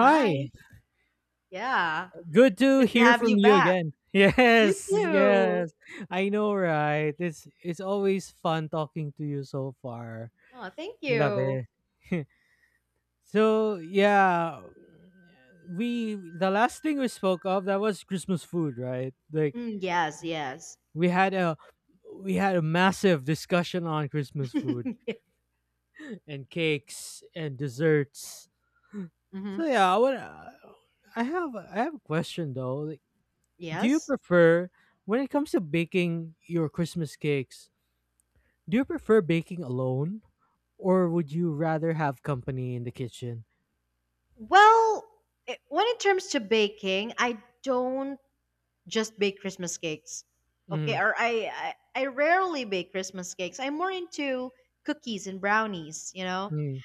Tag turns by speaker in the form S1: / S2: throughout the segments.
S1: Hi. Yeah.
S2: good to
S1: Good to
S2: hear
S1: have you
S2: from you
S1: back.
S2: again.
S1: You
S2: Yes,
S1: too.
S2: yes. I know, right? It's always fun talking to you so far.
S1: Oh, thank
S2: Love
S1: you.
S2: it. So yeah, we the last thing we spoke of that was Christmas food, right? Like
S1: Mm, yes, yes.
S2: we had a we had a massive discussion on Christmas food and cakes and desserts.
S1: Hmm.
S2: So yeah, I would. I have a question though. Like, do you
S1: Yes.
S2: prefer, when it comes to baking your Christmas cakes, do you prefer baking alone or would you rather have company in the kitchen?
S1: Well, when it comes to baking, I don't just bake Christmas cakes. Okay,
S2: Mm.
S1: or I rarely bake Christmas cakes. I'm more into cookies and brownies, you know,
S2: Mm.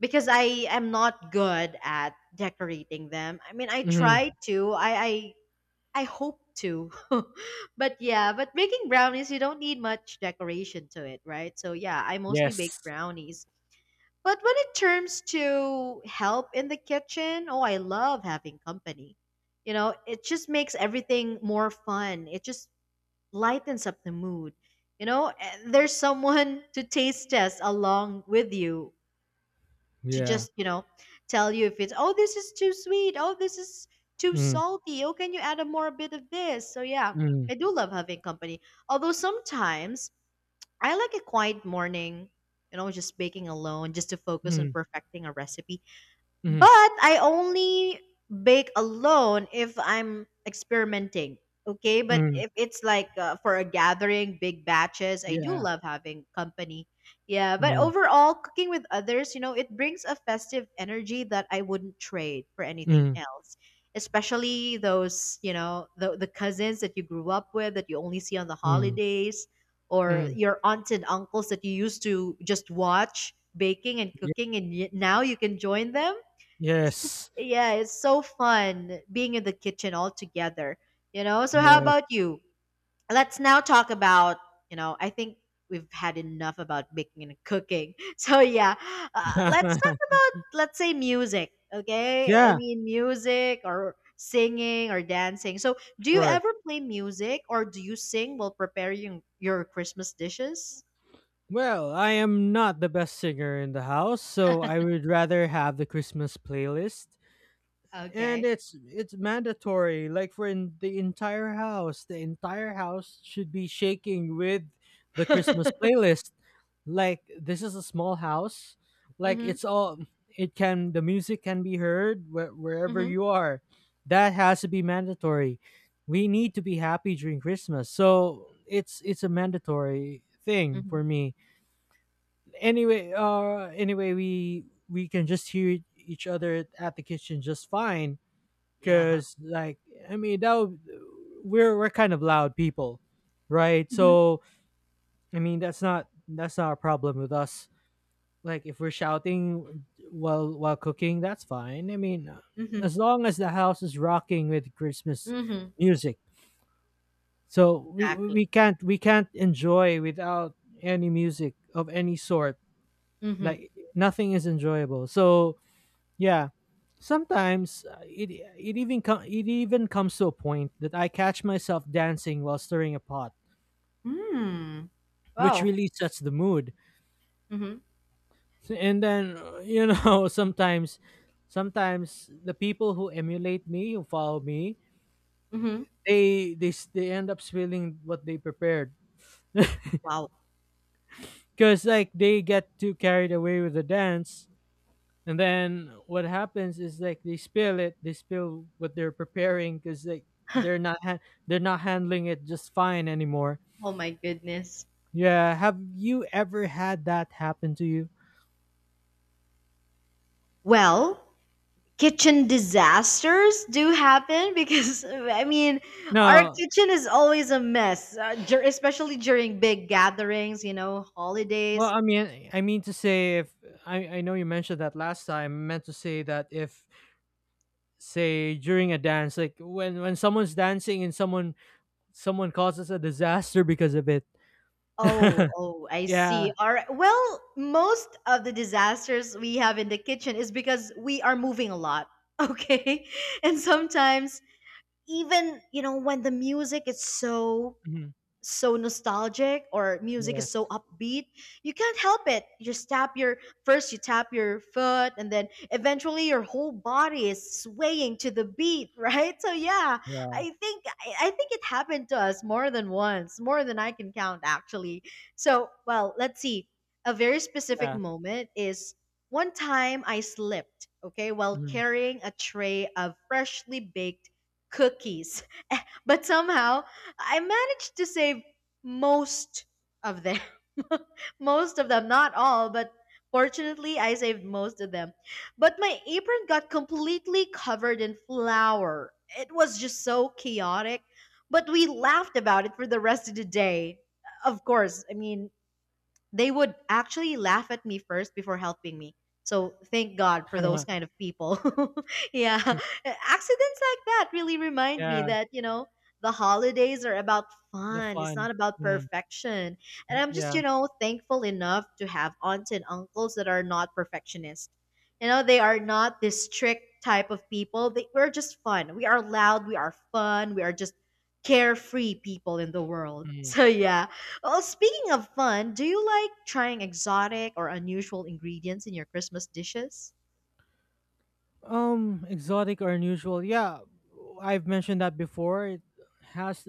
S1: because I am not good at decorating them. I mean, I
S2: Mm,
S1: try to. I hope to. But yeah, but baking brownies, you don't need much decoration to it, right? So yeah, I mostly bake
S2: yes.
S1: brownies. But when it turns to help in the kitchen, oh, I love having company. You know, it just makes everything more fun. It just lightens up the mood. You know, and there's someone to taste test along with you, to
S2: Yeah.
S1: just tell you if it's, oh, this is too sweet, oh, this is too
S2: Mm.
S1: salty, oh, can you add a more bit of this. So yeah,
S2: Mm.
S1: I do love having company, although sometimes I like a quiet morning, you know, just baking alone, just to focus on
S2: Mm.
S1: perfecting a recipe.
S2: Mm.
S1: But I only bake alone if I'm experimenting. Okay, but
S2: Mm,
S1: if it's like for a gathering, big batches, I do
S2: yeah.
S1: love having company. Yeah, but
S2: Mm.
S1: overall, cooking with others, you know, it brings a festive energy that I wouldn't trade for anything
S2: Mm.
S1: else. Especially those, you know, the cousins that you grew up with that you only see on the
S2: Mm.
S1: holidays, or
S2: Mm,
S1: your aunts and uncles that you used to just watch baking and
S2: ye-
S1: cooking, and now you can join them. it's just
S2: yes.
S1: yeah, it's so fun being in the kitchen all together, you know? So how
S2: Yes.
S1: about you? Let's now talk about, you know, I think we've had enough about baking and cooking. So yeah, let's talk about, let's say, music, okay? I
S2: Yeah,
S1: mean, music or singing or dancing. So do you
S2: sure.
S1: ever play music or do you sing while preparing your Christmas dishes?
S2: Well, I am not the best singer in the house, so I would rather have the Christmas playlist, and
S1: Okay.
S2: it's mandatory. Like, for in the entire house, the entire house should be shaking with the Christmas playlist. Like, this is a small house. Like,
S1: Mhm.
S2: it's all, it can, the music can be heard wherever
S1: Mhm.
S2: you are. That has to be mandatory. We need to be happy during Christmas, so it's a mandatory thing
S1: Mhm.
S2: for me. Anyway, anyway, we can just hear each other at the kitchen just fine,
S1: Yeah.
S2: because like I mean that would, we're kind of loud people, right?
S1: Mhm.
S2: So I mean that's not a problem with us. Like, if we're shouting while cooking, that's fine. I mean,
S1: Mhm.
S2: as long as the house is rocking with Christmas
S1: Mhm.
S2: music, so
S1: Exactly.
S2: we can't enjoy without any music of any sort.
S1: Mhm.
S2: Like, nothing is enjoyable, so yeah. Sometimes it even comes to a point that I catch myself dancing while stirring a pot,
S1: Mm.
S2: which
S1: Wow.
S2: really sets the mood.
S1: Mhm.
S2: And then sometimes the people who emulate me, who follow me,
S1: Mhm.
S2: they end up spilling what they prepared.
S1: Wow.
S2: Because like they get too carried away with the dance. And then what happens is, like, they spill what they're preparing, because like they're not ha- they're not handling it just fine anymore.
S1: Oh my goodness.
S2: Yeah, have you ever had that happen to you?
S1: Well, kitchen disasters do happen because I mean, our
S2: No.
S1: kitchen is always a mess, especially during big gatherings, you know, holidays.
S2: Well, I mean to say if I know you mentioned that last time. I meant to say that if, say during a dance, like when someone's dancing and someone causes a disaster because of it.
S1: Oh, oh, I see.
S2: Yeah.
S1: All right. Well, most of the disasters we have in the kitchen is because we are moving a lot. Okay? And sometimes, even, you know, when the music is so
S2: Mhm.
S1: so nostalgic, or music is so
S2: Yes.
S1: upbeat, you can't help it, you just tap your, first you tap your foot, and then eventually your whole body is swaying to the beat. Right, so yeah, i
S2: Yeah.
S1: think i, I think it happened to us more than once, more than I can count, actually. So, well, let's see, a very specific
S2: Yeah.
S1: moment is, one time I slipped, okay, while
S2: Mhm.
S1: carrying a tray of freshly baked cookies. But somehow I managed to save most of them. Most of them, not all, but fortunately, I saved most of them. But my apron got completely covered in flour. It was just so chaotic. But we laughed about it for the rest of the day. Of course, I mean, they would actually laugh at me first before helping me. So thank God for those kind of people. Yeah. Accidents like that really remind me
S2: Yeah.
S1: that, you know, the holidays are about
S2: The
S1: fun. It's not
S2: fun.
S1: about
S2: Mm.
S1: perfection. And
S2: Mm,
S1: I'm just,
S2: yeah.
S1: you know, thankful enough to have aunts and uncles that are not perfectionists. You know, they are not this strict type of people. We're just fun. We are loud. We are fun. We are just carefree people in the world.
S2: Mm.
S1: So yeah, well, speaking of fun, do you like trying exotic or unusual ingredients in your Christmas dishes?
S2: Exotic or unusual. Yeah, I've mentioned that before. Has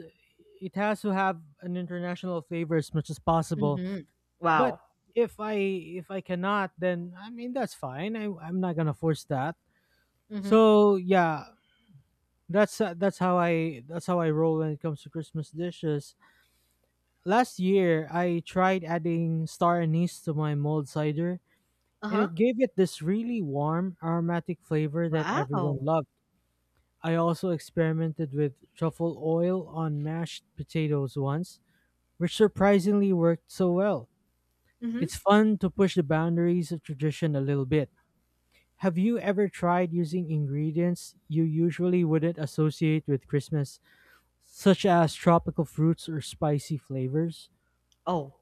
S2: it has to have an international flavor as much as possible.
S1: Mm-hmm.
S2: But
S1: Wow.
S2: if I if I cannot, then I mean that's fine. I'm not gonna force that.
S1: Mm-hmm.
S2: So yeah, that's how I roll when it comes to Christmas dishes. Last year, I tried adding star anise to my mulled cider, and
S1: Uh-huh.
S2: it gave it this really warm, aromatic flavor that everyone
S1: Wow.
S2: loved. I also experimented with truffle oil on mashed potatoes once, which surprisingly worked so well.
S1: Mm-hmm.
S2: It's fun to push the boundaries of tradition a little bit. Have you ever tried using ingredients you usually wouldn't associate with Christmas, such as tropical fruits or spicy flavors?
S1: Oh,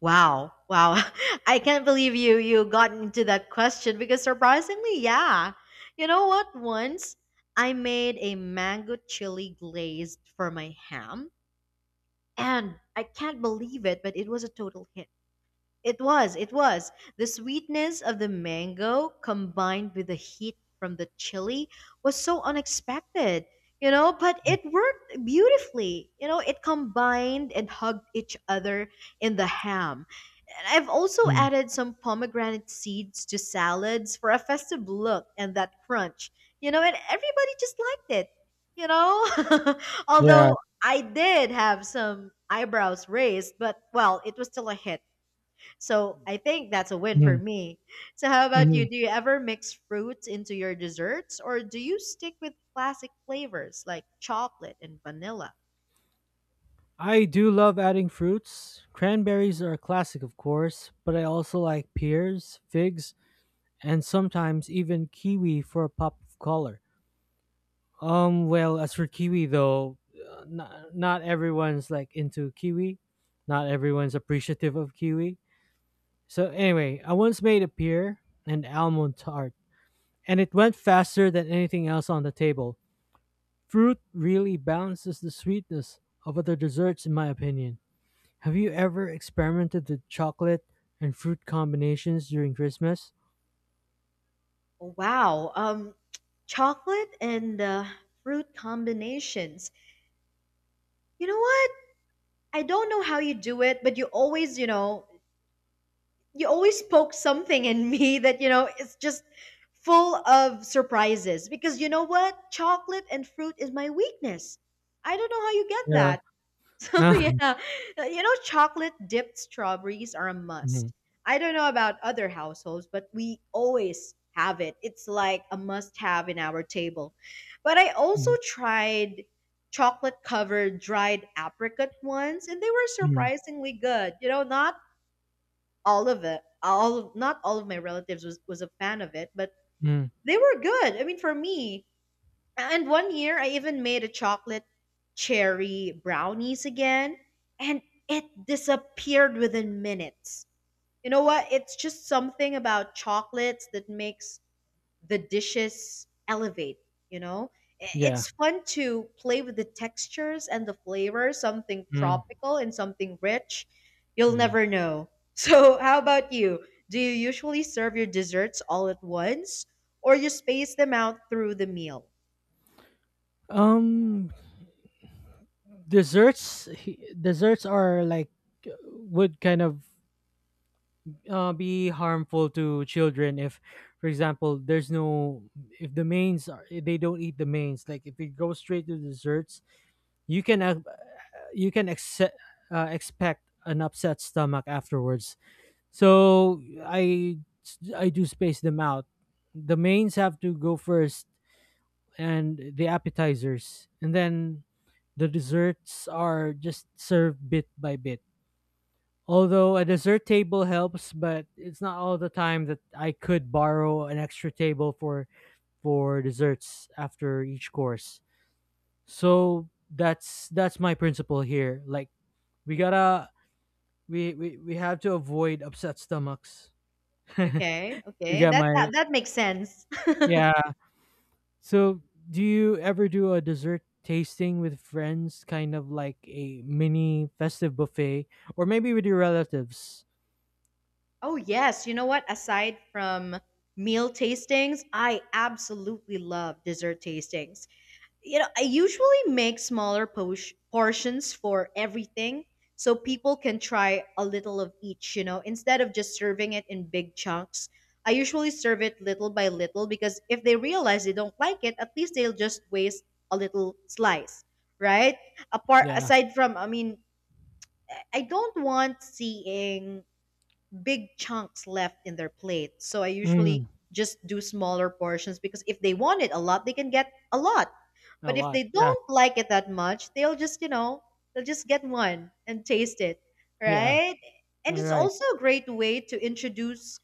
S1: wow. Wow. I can't believe you got into that question, because surprisingly, yeah. You know what? Once I made a mango chili glazed for my ham, and I can't believe it, but it was a total hit. It was, it was. The sweetness of the mango combined with the heat from the chili was so unexpected, you know, but it worked beautifully. You know, it combined and hugged each other in the ham. And I've also
S2: Mm.
S1: added some pomegranate seeds to salads for a festive look and that crunch. You know, and everybody just liked it, you know?
S2: Yeah.
S1: Although I did have some eyebrows raised, but well, it was still a hit, so I think that's a win for
S2: Mm.
S1: me. So how about
S2: Mhm.
S1: you? Do you ever mix fruits into your desserts, or do you stick with classic flavors like chocolate and vanilla?
S2: I do love adding fruits. Cranberries are a classic, of course, but I also like pears, figs, and sometimes even kiwi for a pop of color. Well, as for kiwi though, not everyone's like into kiwi. Not everyone's appreciative of kiwi. So anyway, I once made a pear and almond tart, and it went faster than anything else on the table. Fruit really balances the sweetness of other desserts, in my opinion. Have you ever experimented with chocolate and fruit combinations during Christmas?
S1: Oh, wow. Chocolate and fruit combinations. You know what? I don't know how you do it, but you always poke something in me that, you know, it's just full of surprises. Because you know what? Chocolate and fruit is my weakness. I don't know how you get
S2: Yeah.
S1: that. So
S2: Ah.
S1: yeah, you know, chocolate dipped strawberries are a
S2: Mhm.
S1: must. I don't know about other households, but we always have it. It's like a must have in our table. But I also
S2: Mhm.
S1: tried chocolate covered dried apricot ones, and they were
S2: Mhm.
S1: surprisingly good. You know, not all of it. All not all of my relatives was a fan of it, but
S2: Mhm.
S1: they were good. I mean, for me, and one year I even made a chocolate cherry brownies again, and it disappeared within minutes. You know what? It's just something about chocolates that makes the dishes elevate, you know?
S2: Yeah.
S1: It's fun to play with the textures and the flavor, something
S2: Mm.
S1: tropical and something rich. You'll
S2: Mm.
S1: never know. So, how about you? Do you usually serve your desserts all at once, or you space them out through the meal?
S2: Um, desserts. Desserts are like, uh, would kind of, be harmful to children if, for example, there's no if they don't eat the mains. Like, if you go straight to desserts, you can ac- uh, you can accept expect an upset stomach afterwards. So I do space them out. The mains have to go first, and the appetizers, and then the desserts are just served bit by bit. Although a dessert table helps, but it's not all the time that I could borrow an extra table for desserts after each course. So that's my principle here. Like, we gotta we have to avoid upset stomachs.
S1: Okay,
S2: we
S1: okay.
S2: got
S1: That,
S2: my
S1: that that makes sense.
S2: Yeah. So, do you ever do a dessert tasting with friends, kind of like a mini festive buffet, or maybe with your relatives?
S1: Oh yes, you know what? Aside from meal tastings, I absolutely love dessert tastings. You know, I usually make smaller portions for everything, so people can try a little of each, you know, instead of just serving it in big chunks. I usually serve it little by little, because if they realize they don't like it, at least they'll just waste a little slice, right? Apart
S2: Yeah.
S1: aside from, I mean, I don't want seeing big chunks left in their plate. So I usually
S2: Mm,
S1: just do smaller portions, because if they want it a lot, they can get a lot.
S2: a
S1: But if
S2: lot.
S1: they
S2: Yeah.
S1: don't like it that much, they'll just, you know, they'll just get one and taste it,
S2: Yeah.
S1: right? And
S2: All
S1: it's
S2: right.
S1: also a great way to introduce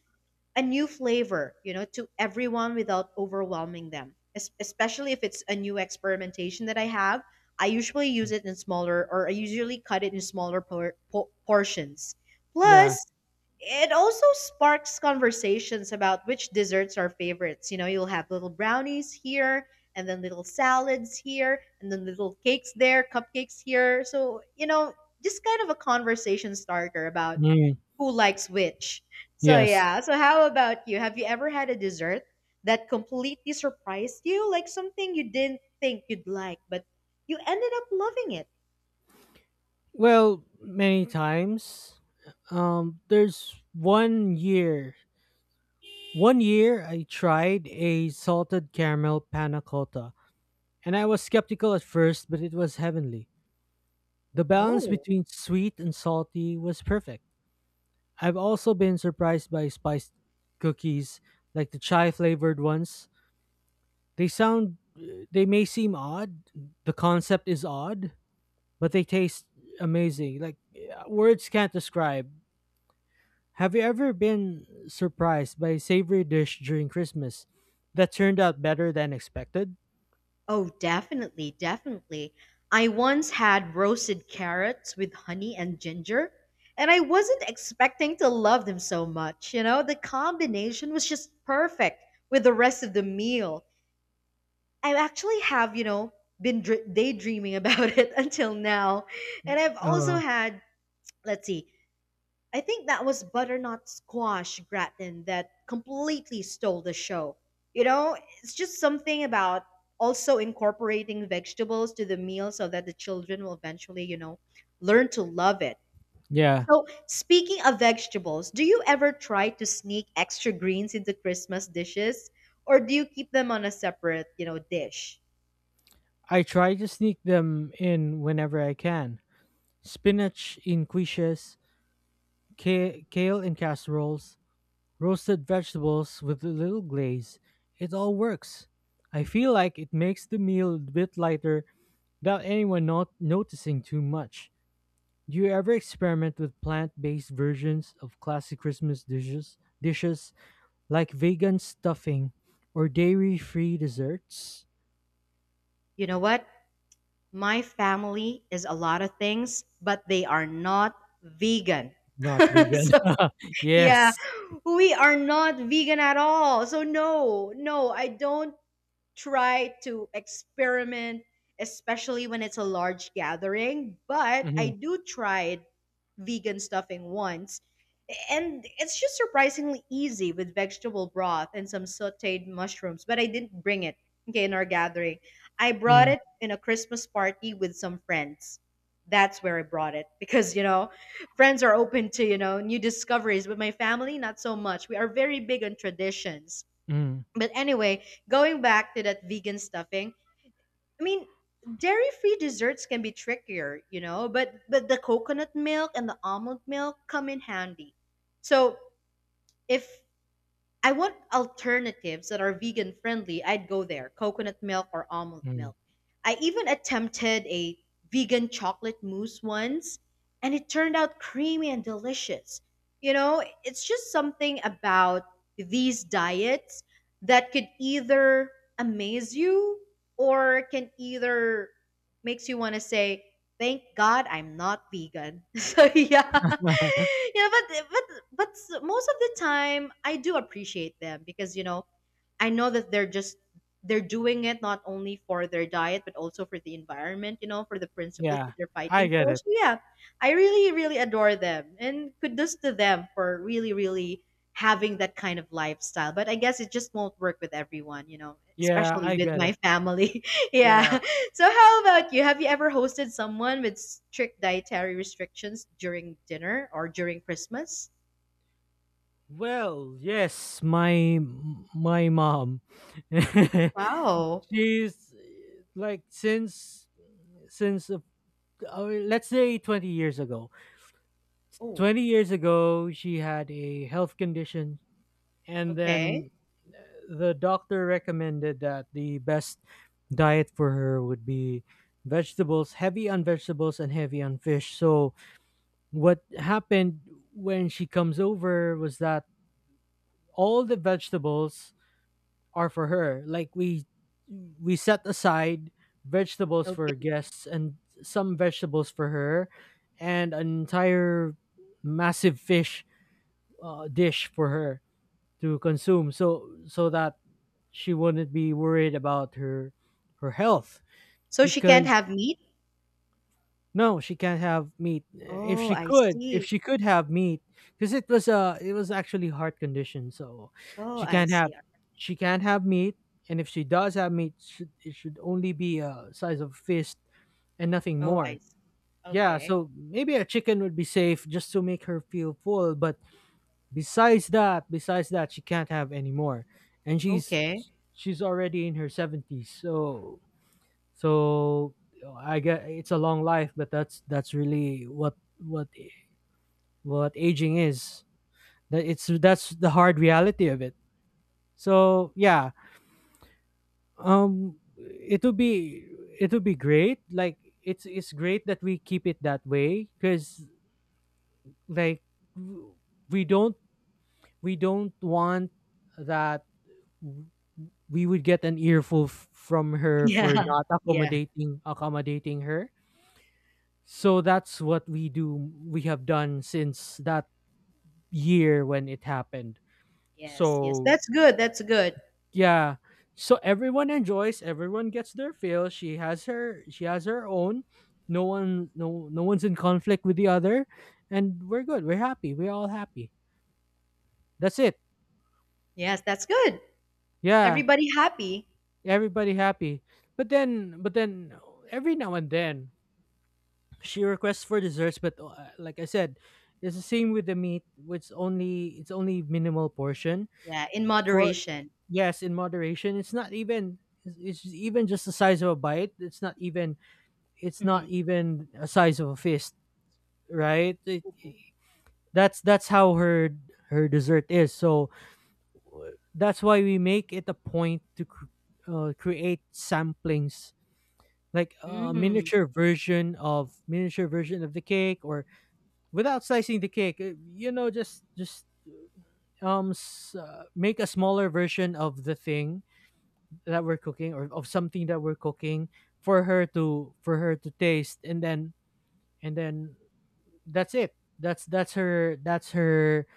S1: a new flavor, you know, to everyone without overwhelming them. Especially if it's a new experimentation that I have, I usually use it in smaller or I usually cut it in smaller portions.
S2: Yeah.
S1: Plus, it also sparks conversations about which desserts are favorites. You know, you'll have little brownies here, and then little salads here, and then little cakes there, cupcakes here. So, you know, just kind of a conversation starter about
S2: Mm,
S1: who likes which. So
S2: yes.
S1: yeah. So how about you? Have you ever had a dessert that completely surprised you, like something you didn't think you'd like, but you ended up loving it?
S2: Well, many times. There's one year. One year I tried a salted caramel panna cotta, and I was skeptical at first, but it was heavenly. The balance
S1: Oh.
S2: between sweet and salty was perfect. I've also been surprised by spiced cookies, like the chai flavored ones. They they may seem odd, the concept is odd, but they taste amazing. Like, yeah, words can't describe. Have you ever been surprised by a savory dish during Christmas that turned out better than expected?
S1: Oh, definitely, definitely. I once had roasted carrots with honey and ginger, and I wasn't expecting to love them so much. You know, the combination was just perfect with the rest of the meal. I actually have, you know, been daydreaming about it until now. And I've also
S2: Oh,
S1: had, let's see, I think that was butternut squash gratin that completely stole the show. You know, it's just something about also incorporating vegetables to the meal, so that the children will eventually, you know, learn to love it.
S2: yeah.
S1: So, speaking of vegetables, do you ever try to sneak extra greens into Christmas dishes, or do you keep them on a separate, you know, dish?
S2: I try to sneak them in whenever I can. Spinach in quiches, kale in casseroles, roasted vegetables with a little glaze. It all works. I feel like it makes the meal a bit lighter without anyone not noticing too much. Do you ever experiment with plant-based versions of classic Christmas dishes like vegan stuffing or dairy-free desserts?
S1: You know what? My family is a lot of things, but they are not vegan.
S2: Not vegan.
S1: So, yeah,
S2: Yes.
S1: we are not vegan at all. So, no, no, I don't try to experiment, especially when it's a large gathering. But I
S2: Mhm.
S1: do try vegan stuffing once. And it's just surprisingly easy with vegetable broth and some sauteed mushrooms. But I didn't bring it, okay, in our gathering. I brought
S2: Mm.
S1: it in a Christmas party with some friends. That's where I brought it because, you know, friends are open to, you know, new discoveries. But my family, not so much. We are very big on traditions.
S2: Mm.
S1: But anyway, going back to that vegan stuffing, I mean, dairy-free desserts can be trickier, you know, but the coconut milk and the almond milk come in handy. So if I want alternatives that are vegan friendly, I'd go there, coconut milk or almond
S2: Mm.
S1: milk. I even attempted a vegan chocolate mousse once, and it turned out creamy and delicious. You know, it's just something about these diets that could either amaze you or can either makes you want to say, "Thank God I'm not vegan." So yeah, yeah, most of the time I do appreciate them, because you know, I know that they're doing it not only for their diet but also for the environment, you know, for the principles
S2: Yeah,
S1: that they're
S2: I
S1: fighting
S2: get
S1: for.
S2: it.
S1: So yeah, I really really adore them, and kudos to them for really really having that kind of lifestyle, but I guess it just won't work with everyone, you know,
S2: Yeah,
S1: especially
S2: I
S1: with
S2: get
S1: my
S2: it.
S1: family. Yeah.
S2: Yeah.
S1: So, how about you? Have you ever hosted someone with strict dietary restrictions during dinner or during Christmas?
S2: Well, yes, my mom.
S1: Wow.
S2: She's like, since let's say 20 years ago.
S1: Oh,
S2: 20 years ago, she had a health condition, and
S1: okay.
S2: then uh, the doctor recommended that the best diet for her would be vegetables, heavy on vegetables and heavy on fish. So, what happened when she comes over was that all the vegetables are for her. Like, we set aside vegetables
S1: Okay.
S2: for guests and some vegetables for her, and an entire massive fish dish for her to consume, so that she wouldn't be worried about her health,
S1: So she can't
S2: because
S1: have meat?
S2: no, she can't have meat. If
S1: Oh,
S2: she
S1: I
S2: could, if
S1: see.
S2: she could have meat, because it was actually heart condition, so
S1: Oh,
S2: she
S1: I
S2: can't
S1: see.
S2: have she can't have meat, and if she does have meat, it should only be a size of fist and nothing
S1: Oh, I
S2: more.
S1: see.
S2: Yeah,
S1: Okay.
S2: so maybe a chicken would be safe just to make her feel full, but besides that, she can't have any more, and
S1: Okay.
S2: she's already in her seventies, so so I get it's a long life, but that's really what what aging is. That's the hard reality of it. So yeah, um, it would be it would be great. Like, it's great that we keep it that way, because like w- we don't we don't want that w- we would get an earful from her
S1: Yeah.
S2: for not
S1: Yeah.
S2: accommodating her. So that's what we have done since that year when it happened.
S1: Yes. Yes.
S2: So
S1: That's good. That's good.
S2: yeah. So everyone enjoys, everyone gets their fill. She has her own. No one no no one's in conflict with the other, and we're good. We're happy. We're all happy. That's it.
S1: Yes, that's good.
S2: Yeah.
S1: Everybody happy.
S2: Everybody happy. But then, but then every now and then she requests for desserts, but like I said, it's the same with the meat. It's only minimal portion.
S1: Yeah, in
S2: For,
S1: moderation.
S2: yes, in moderation. It's not even it's even just the size of a bite. It's
S1: Mm-hmm.
S2: not even a size of a fist, right? That's how her dessert is. So that's why we make it a point to create samplings like a
S1: Mm,
S2: miniature version of the cake or without slicing the cake, you know just make a smaller version of the thing that we're cooking or of something that we're cooking for her to, for her to taste, and then that's it. That's that's her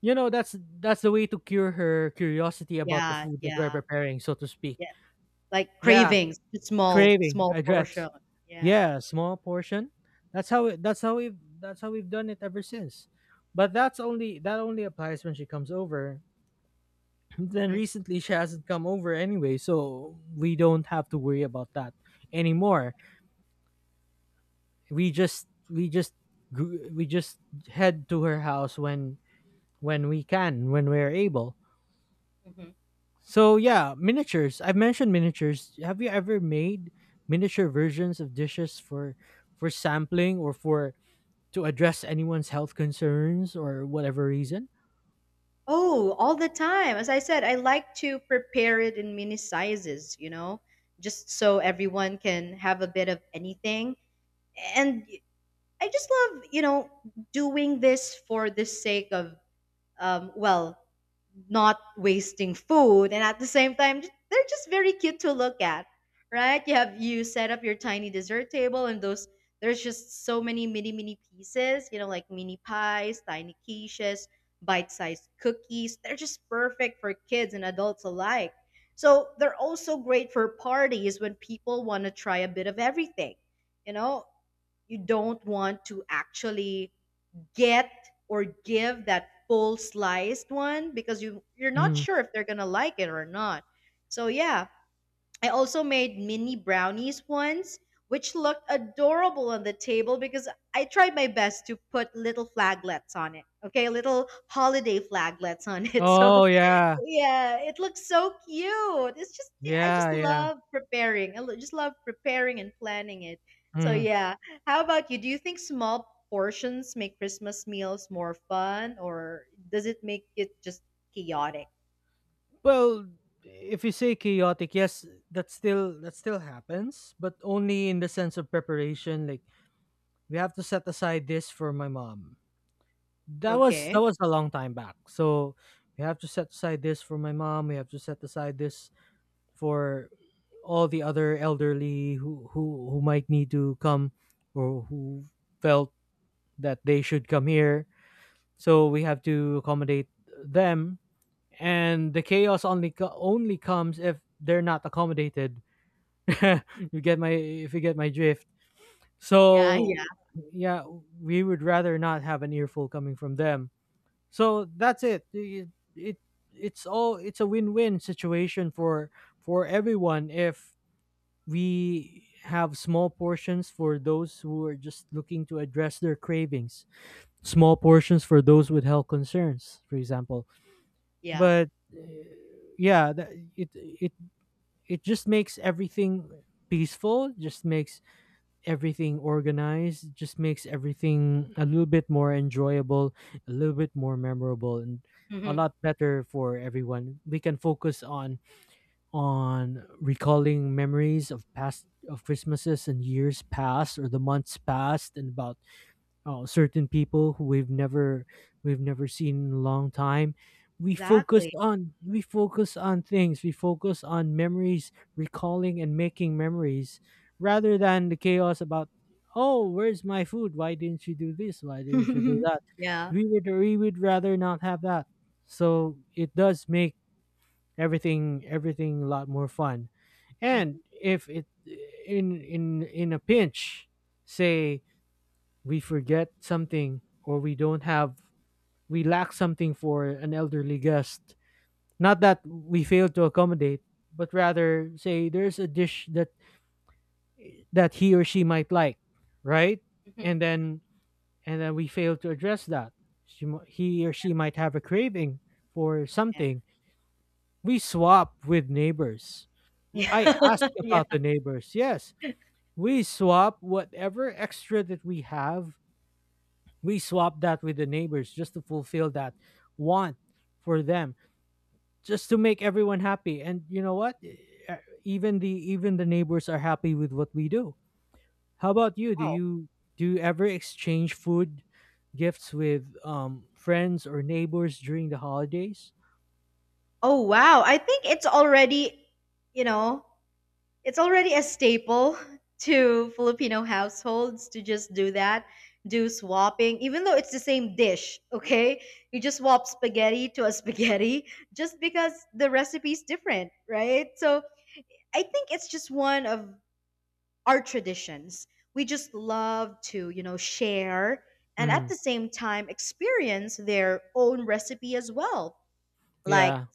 S2: you know that's the way to cure her curiosity about the
S1: yeah,
S2: food that we're
S1: yeah.
S2: preparing, so to speak.
S1: Like
S2: Yeah,
S1: cravings, small,
S2: craving
S1: small
S2: address.
S1: portion. Yeah.
S2: Yeah, small portion. That's how it that's how we've done it ever since. But that's only, that only applies when she comes over. Then
S1: Hmm.
S2: recently she hasn't come over anyway, so we don't have to worry about that anymore. We just we just gr- we just head to her house when we can, when we're able.
S1: Hmm.
S2: So yeah, miniatures. I've mentioned miniatures. Have you ever made miniature versions of dishes for sampling or for, to address anyone's health concerns or whatever reason?
S1: Oh, all the time. As I said, I like to prepare it in mini sizes, you know, just so everyone can have a bit of anything. And I just love, you know, doing this for the sake of, well, not wasting food, and at the same time they're just very cute to look at. Right? You have, you set up your tiny dessert table, and those, there's just so many mini mini pieces, you know, like mini pies, tiny quiches, bite-sized cookies. They're just perfect for kids and adults alike. So they're also great for parties when people want to try a bit of everything. You know, you don't want to actually get or give that full sliced one, because you're not
S2: Mm.
S1: sure if they're gonna like it or not. So yeah, I also made mini brownies once, which looked adorable on the table, because I tried my best to put little flaglets on it. Okay, little holiday flaglets on it. So
S2: Oh yeah.
S1: yeah, it looks so cute. It's just, I just
S2: Yeah, yeah.
S1: love preparing. Just love preparing and planning it. So
S2: Mm.
S1: yeah, how about you? Do you think small portions make Christmas meals more fun, or does it make it just chaotic?
S2: Well, if you say chaotic, yes, that still happens, but only in the sense of preparation. Like we have to set aside this for my mom. That was
S1: Okay.
S2: that was a long time back. So we have to set aside this for my mom. We have to set aside this for all the other elderly who who might need to come, or who felt that they should come here. So we have to accommodate them, and the chaos only only comes if they're not accommodated. You get my, if you get my drift.
S1: Yeah,
S2: So
S1: yeah,
S2: yeah, we would rather not have an earful coming from them. So that's it. It it's all, it's a win-win situation for everyone if we have small portions for those who are just looking to address their cravings, small portions for those with health concerns, for example.
S1: yeah.
S2: But uh, yeah, it it just makes everything peaceful, just makes everything organized, just makes everything a little bit more enjoyable, a little bit more memorable, and a
S1: Hmm.
S2: lot better for everyone. We can focus on recalling memories of past, of christmases and years past, or the months past, and about certain people who we've never seen in a long time. We focus
S1: Exactly.
S2: on we focus on things we focus on memories, recalling and making memories, rather than the chaos about, oh, where's my food, why didn't you do this, why didn't you do that.
S1: Yeah.
S2: We would rather not have that. So it does make everything a lot more fun. And
S1: Mhm.
S2: if it, in a pinch, say we forget something, or we don't have, we lack something for an elderly guest, not that we fail to accommodate, but rather say there's a dish that, that he or she might like, right?
S1: Mhm.
S2: And then and then we fail to address that. He or she might have a craving for
S1: Yeah.
S2: something. We swap with neighbors. I ask
S1: Yeah. Yeah.
S2: about the neighbors, yes. We swap whatever extra that we have. We swap that with the neighbors just to fulfill that want for them, just to make everyone happy. And you know what? E, Even the, even the neighbors are happy with what we do. How about you?
S1: Oh.
S2: Do you ever exchange food gifts with friends or neighbors during the holidays?
S1: Oh wow. I think it's already, you know, it's already a staple to Filipino households to just do that, do swapping, even though it's the same dish, okay? You just swap spaghetti to a spaghetti just because the recipe's different, right? So I think it's just one of our traditions. We just love to, you know, share, and at the
S2: Mm,
S1: same time experience their own recipe as well. Like,
S2: yeah.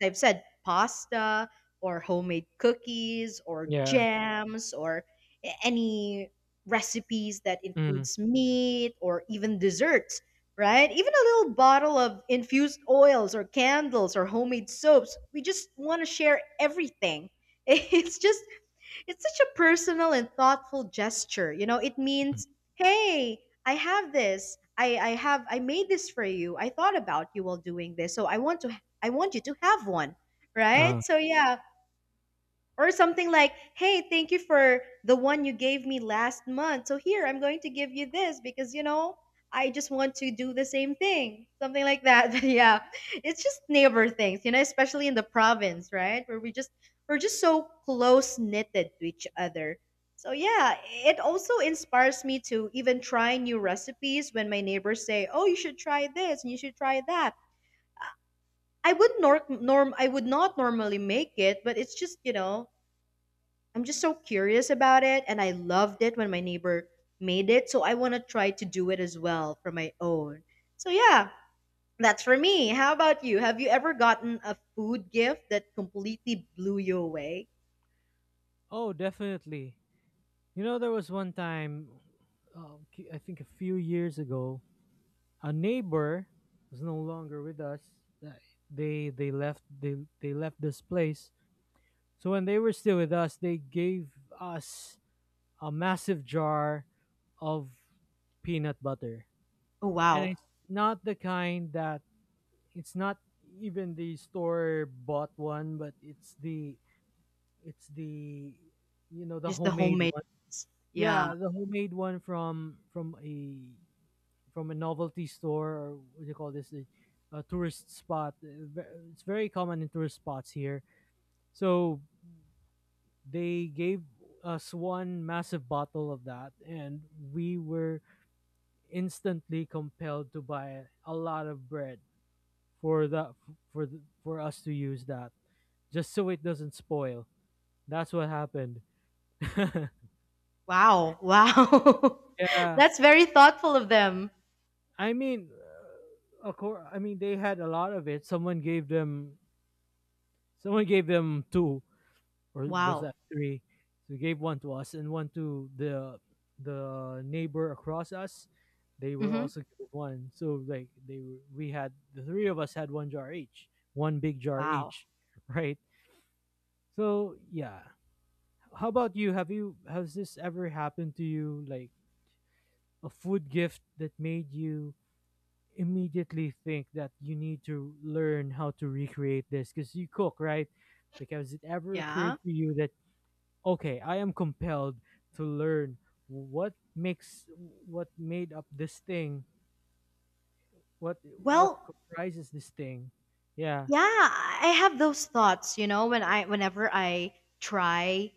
S1: as I've said, pasta or homemade cookies or
S2: Yeah.
S1: jams, or any recipes that
S2: Mm.
S1: includes meat or even desserts, right? Even a little bottle of infused oils or candles or homemade soaps. We just want to share everything. It's just, it's such a personal and thoughtful gesture. You know, it means, hey, I have this. I made this for you. I thought about you while doing this. So I want to, I want you to have one. Right?
S2: Uh,
S1: So yeah. Or something like, hey, thank you for the one you gave me last month. So here, I'm going to give you this because, you know, I just want to do the same thing. Something like that. But yeah. It's just neighbor things, you know, especially in the province, right? Where we just, we're just so close knitted to each other. So yeah, it also inspires me to even try new recipes when my neighbors say, "Oh, you should try this and you should try that." I would not normally make it, but it's just, you know, I'm just so curious about it, and I loved it when my neighbor made it, so I want to try to do it as well for my own. So yeah, that's for me. How about you? Have you ever gotten a food gift that completely blew you away?
S2: oh, definitely. You know, there was one time, uh, I think a few years ago, a neighbor was no longer with us. Th- they they left this place. So when they were still with us, they gave us a massive jar of peanut butter.
S1: Oh
S2: And
S1: wow,
S2: it's not the kind that, it's not even the store bought one, but it's the, it's the, you know, the
S1: just the
S2: homemade
S1: homemade.
S2: one.
S1: Ones. Yeah.
S2: Yeah, the homemade one from a, from a novelty store, or what do you call this, a tourist spot. It's very common in tourist spots here. So they gave us one massive bottle of that, and we were instantly compelled to buy a lot of bread for that, for us to use that just so it doesn't spoil. That's what happened.
S1: Wow. Wow.
S2: Yeah.
S1: That's very thoughtful of them.
S2: I mean, of course, I mean they had a lot of it. Someone gave them, someone gave them two, or was
S1: Wow.
S2: that three? So he gave one to us and one to the neighbor across us. They were
S1: Mhm.
S2: also given one. So like they were, we, had the three of us had one jar each, one big jar
S1: Wow.
S2: each, right? So yeah. How about you? Have you Has this ever happened to you? Like a food gift that made you immediately think that you need to learn how to recreate this because you cook, right? Like, has it ever
S1: Yeah.
S2: occurred to you that, okay, I am compelled to learn what makes, what made up this thing, what what
S1: Well,
S2: comprises this thing. Yeah.
S1: yeah, I have those thoughts, you know, when I whenever I try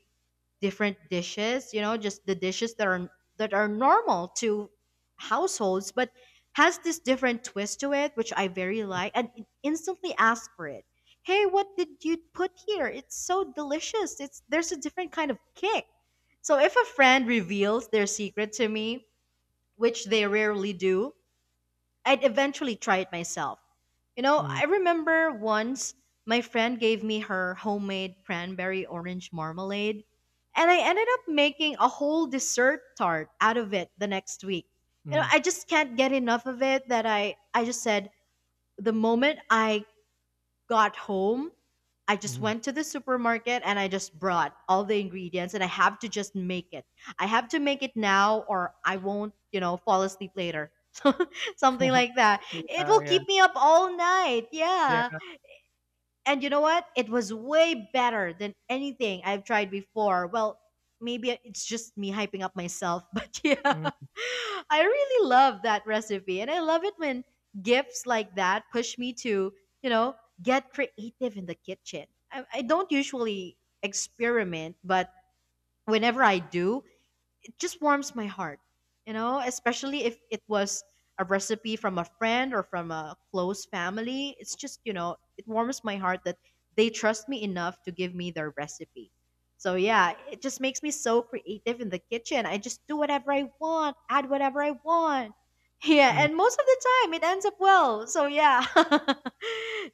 S1: different dishes, you know, just the dishes that are, that are normal to households, but has this different twist to it, which I very like, and it instantly ask for it. Hey, what did you put here? It's so delicious. It's There's a different kind of kick. So if a friend reveals their secret to me, which they rarely do, I'd eventually try it myself. You know,
S2: Mm,
S1: I remember once my friend gave me her homemade cranberry orange marmalade, and I ended up making a whole dessert tart out of it the next week. You know,
S2: mm,
S1: I just can't get enough of it that I just said the moment I got home, I just
S2: mm.
S1: went to the supermarket and I just brought all the ingredients, and I have to just make it. I have to make it now, or I won't, you know, fall asleep later. Something like that.
S2: Yeah,
S1: It will
S2: yeah,
S1: keep me up all night.
S2: yeah.
S1: Yeah. And you know what? It was way better than anything I've tried before. Well, maybe it's just me hyping up myself, but yeah.
S2: Mm,
S1: I really love that recipe, and I love it when gifts like that push me to, you know, get creative in the kitchen. I don't usually experiment, but whenever I do, it just warms my heart, you know, especially if it was a recipe from a friend or from a close family. It's just, you know, it warms my heart that they trust me enough to give me their recipe. So yeah, it just makes me so creative in the kitchen. I just do whatever I want, add whatever I want. Yeah,
S2: mm.
S1: and most of the time it ends up well. So yeah.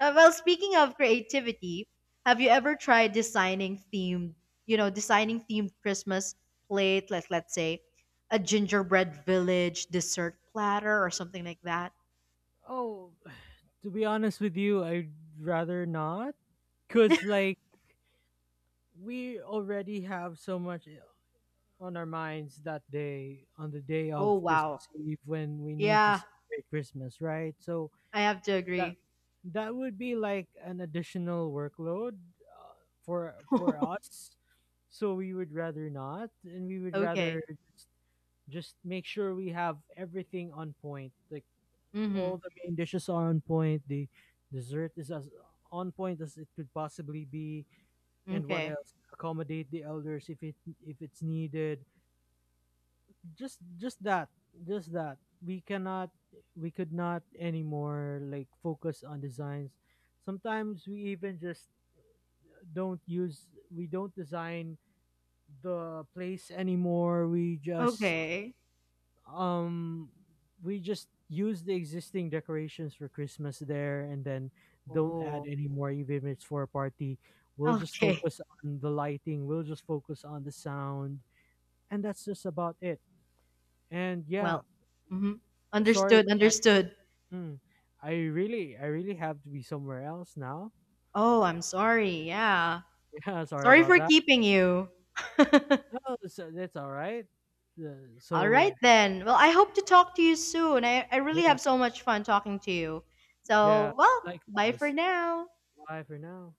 S1: Well, speaking of creativity, have you ever tried designing themed, you know, designing themed Christmas plate, like let's say a gingerbread village dessert platter or something like that.
S2: Oh, to be honest with you, I'd rather not, cuz like we already have so much, on our minds that day, on the day
S1: Oh
S2: of
S1: wow.
S2: Christmas Eve when we need to
S1: Yeah,
S2: celebrate Christmas, right? So
S1: I have to
S2: that,
S1: agree.
S2: that would be like an additional workload, uh, for us. So we would rather not, and we would rather
S1: Okay.
S2: just make sure we have everything on point. Like
S1: Mm-hmm.
S2: all the main dishes are on point, the dessert is as on point as it could possibly be, and what
S1: Okay.
S2: else, accommodate the elders if it, if it's needed. Just that, just that. We cannot, we could not anymore like focus on designs. Sometimes we even just don't use we don't design the place anymore. We just
S1: Okay.
S2: um we just use the existing decorations for christmas there, and then don't add
S1: Oh.
S2: any more even if it's for a party. We'll just
S1: Okay.
S2: focus on the lighting, we'll just focus on the sound, and that's just about it. And yeah,
S1: Well. Mm-hmm.
S2: sorry
S1: Understood.
S2: but,
S1: Understood.
S2: hmm. I really have to be somewhere else now.
S1: Oh, I'm sorry. Yeah.
S2: Yeah, sorry
S1: Sorry
S2: about
S1: for
S2: that.
S1: keeping you.
S2: No, so that's all right. Uh,
S1: All right
S2: so
S1: then. Well, I hope to talk to you soon. I really
S2: yeah,
S1: have so much fun talking to you.
S2: yeah,
S1: So, well, bye for
S2: likewise.
S1: now.
S2: Bye for now.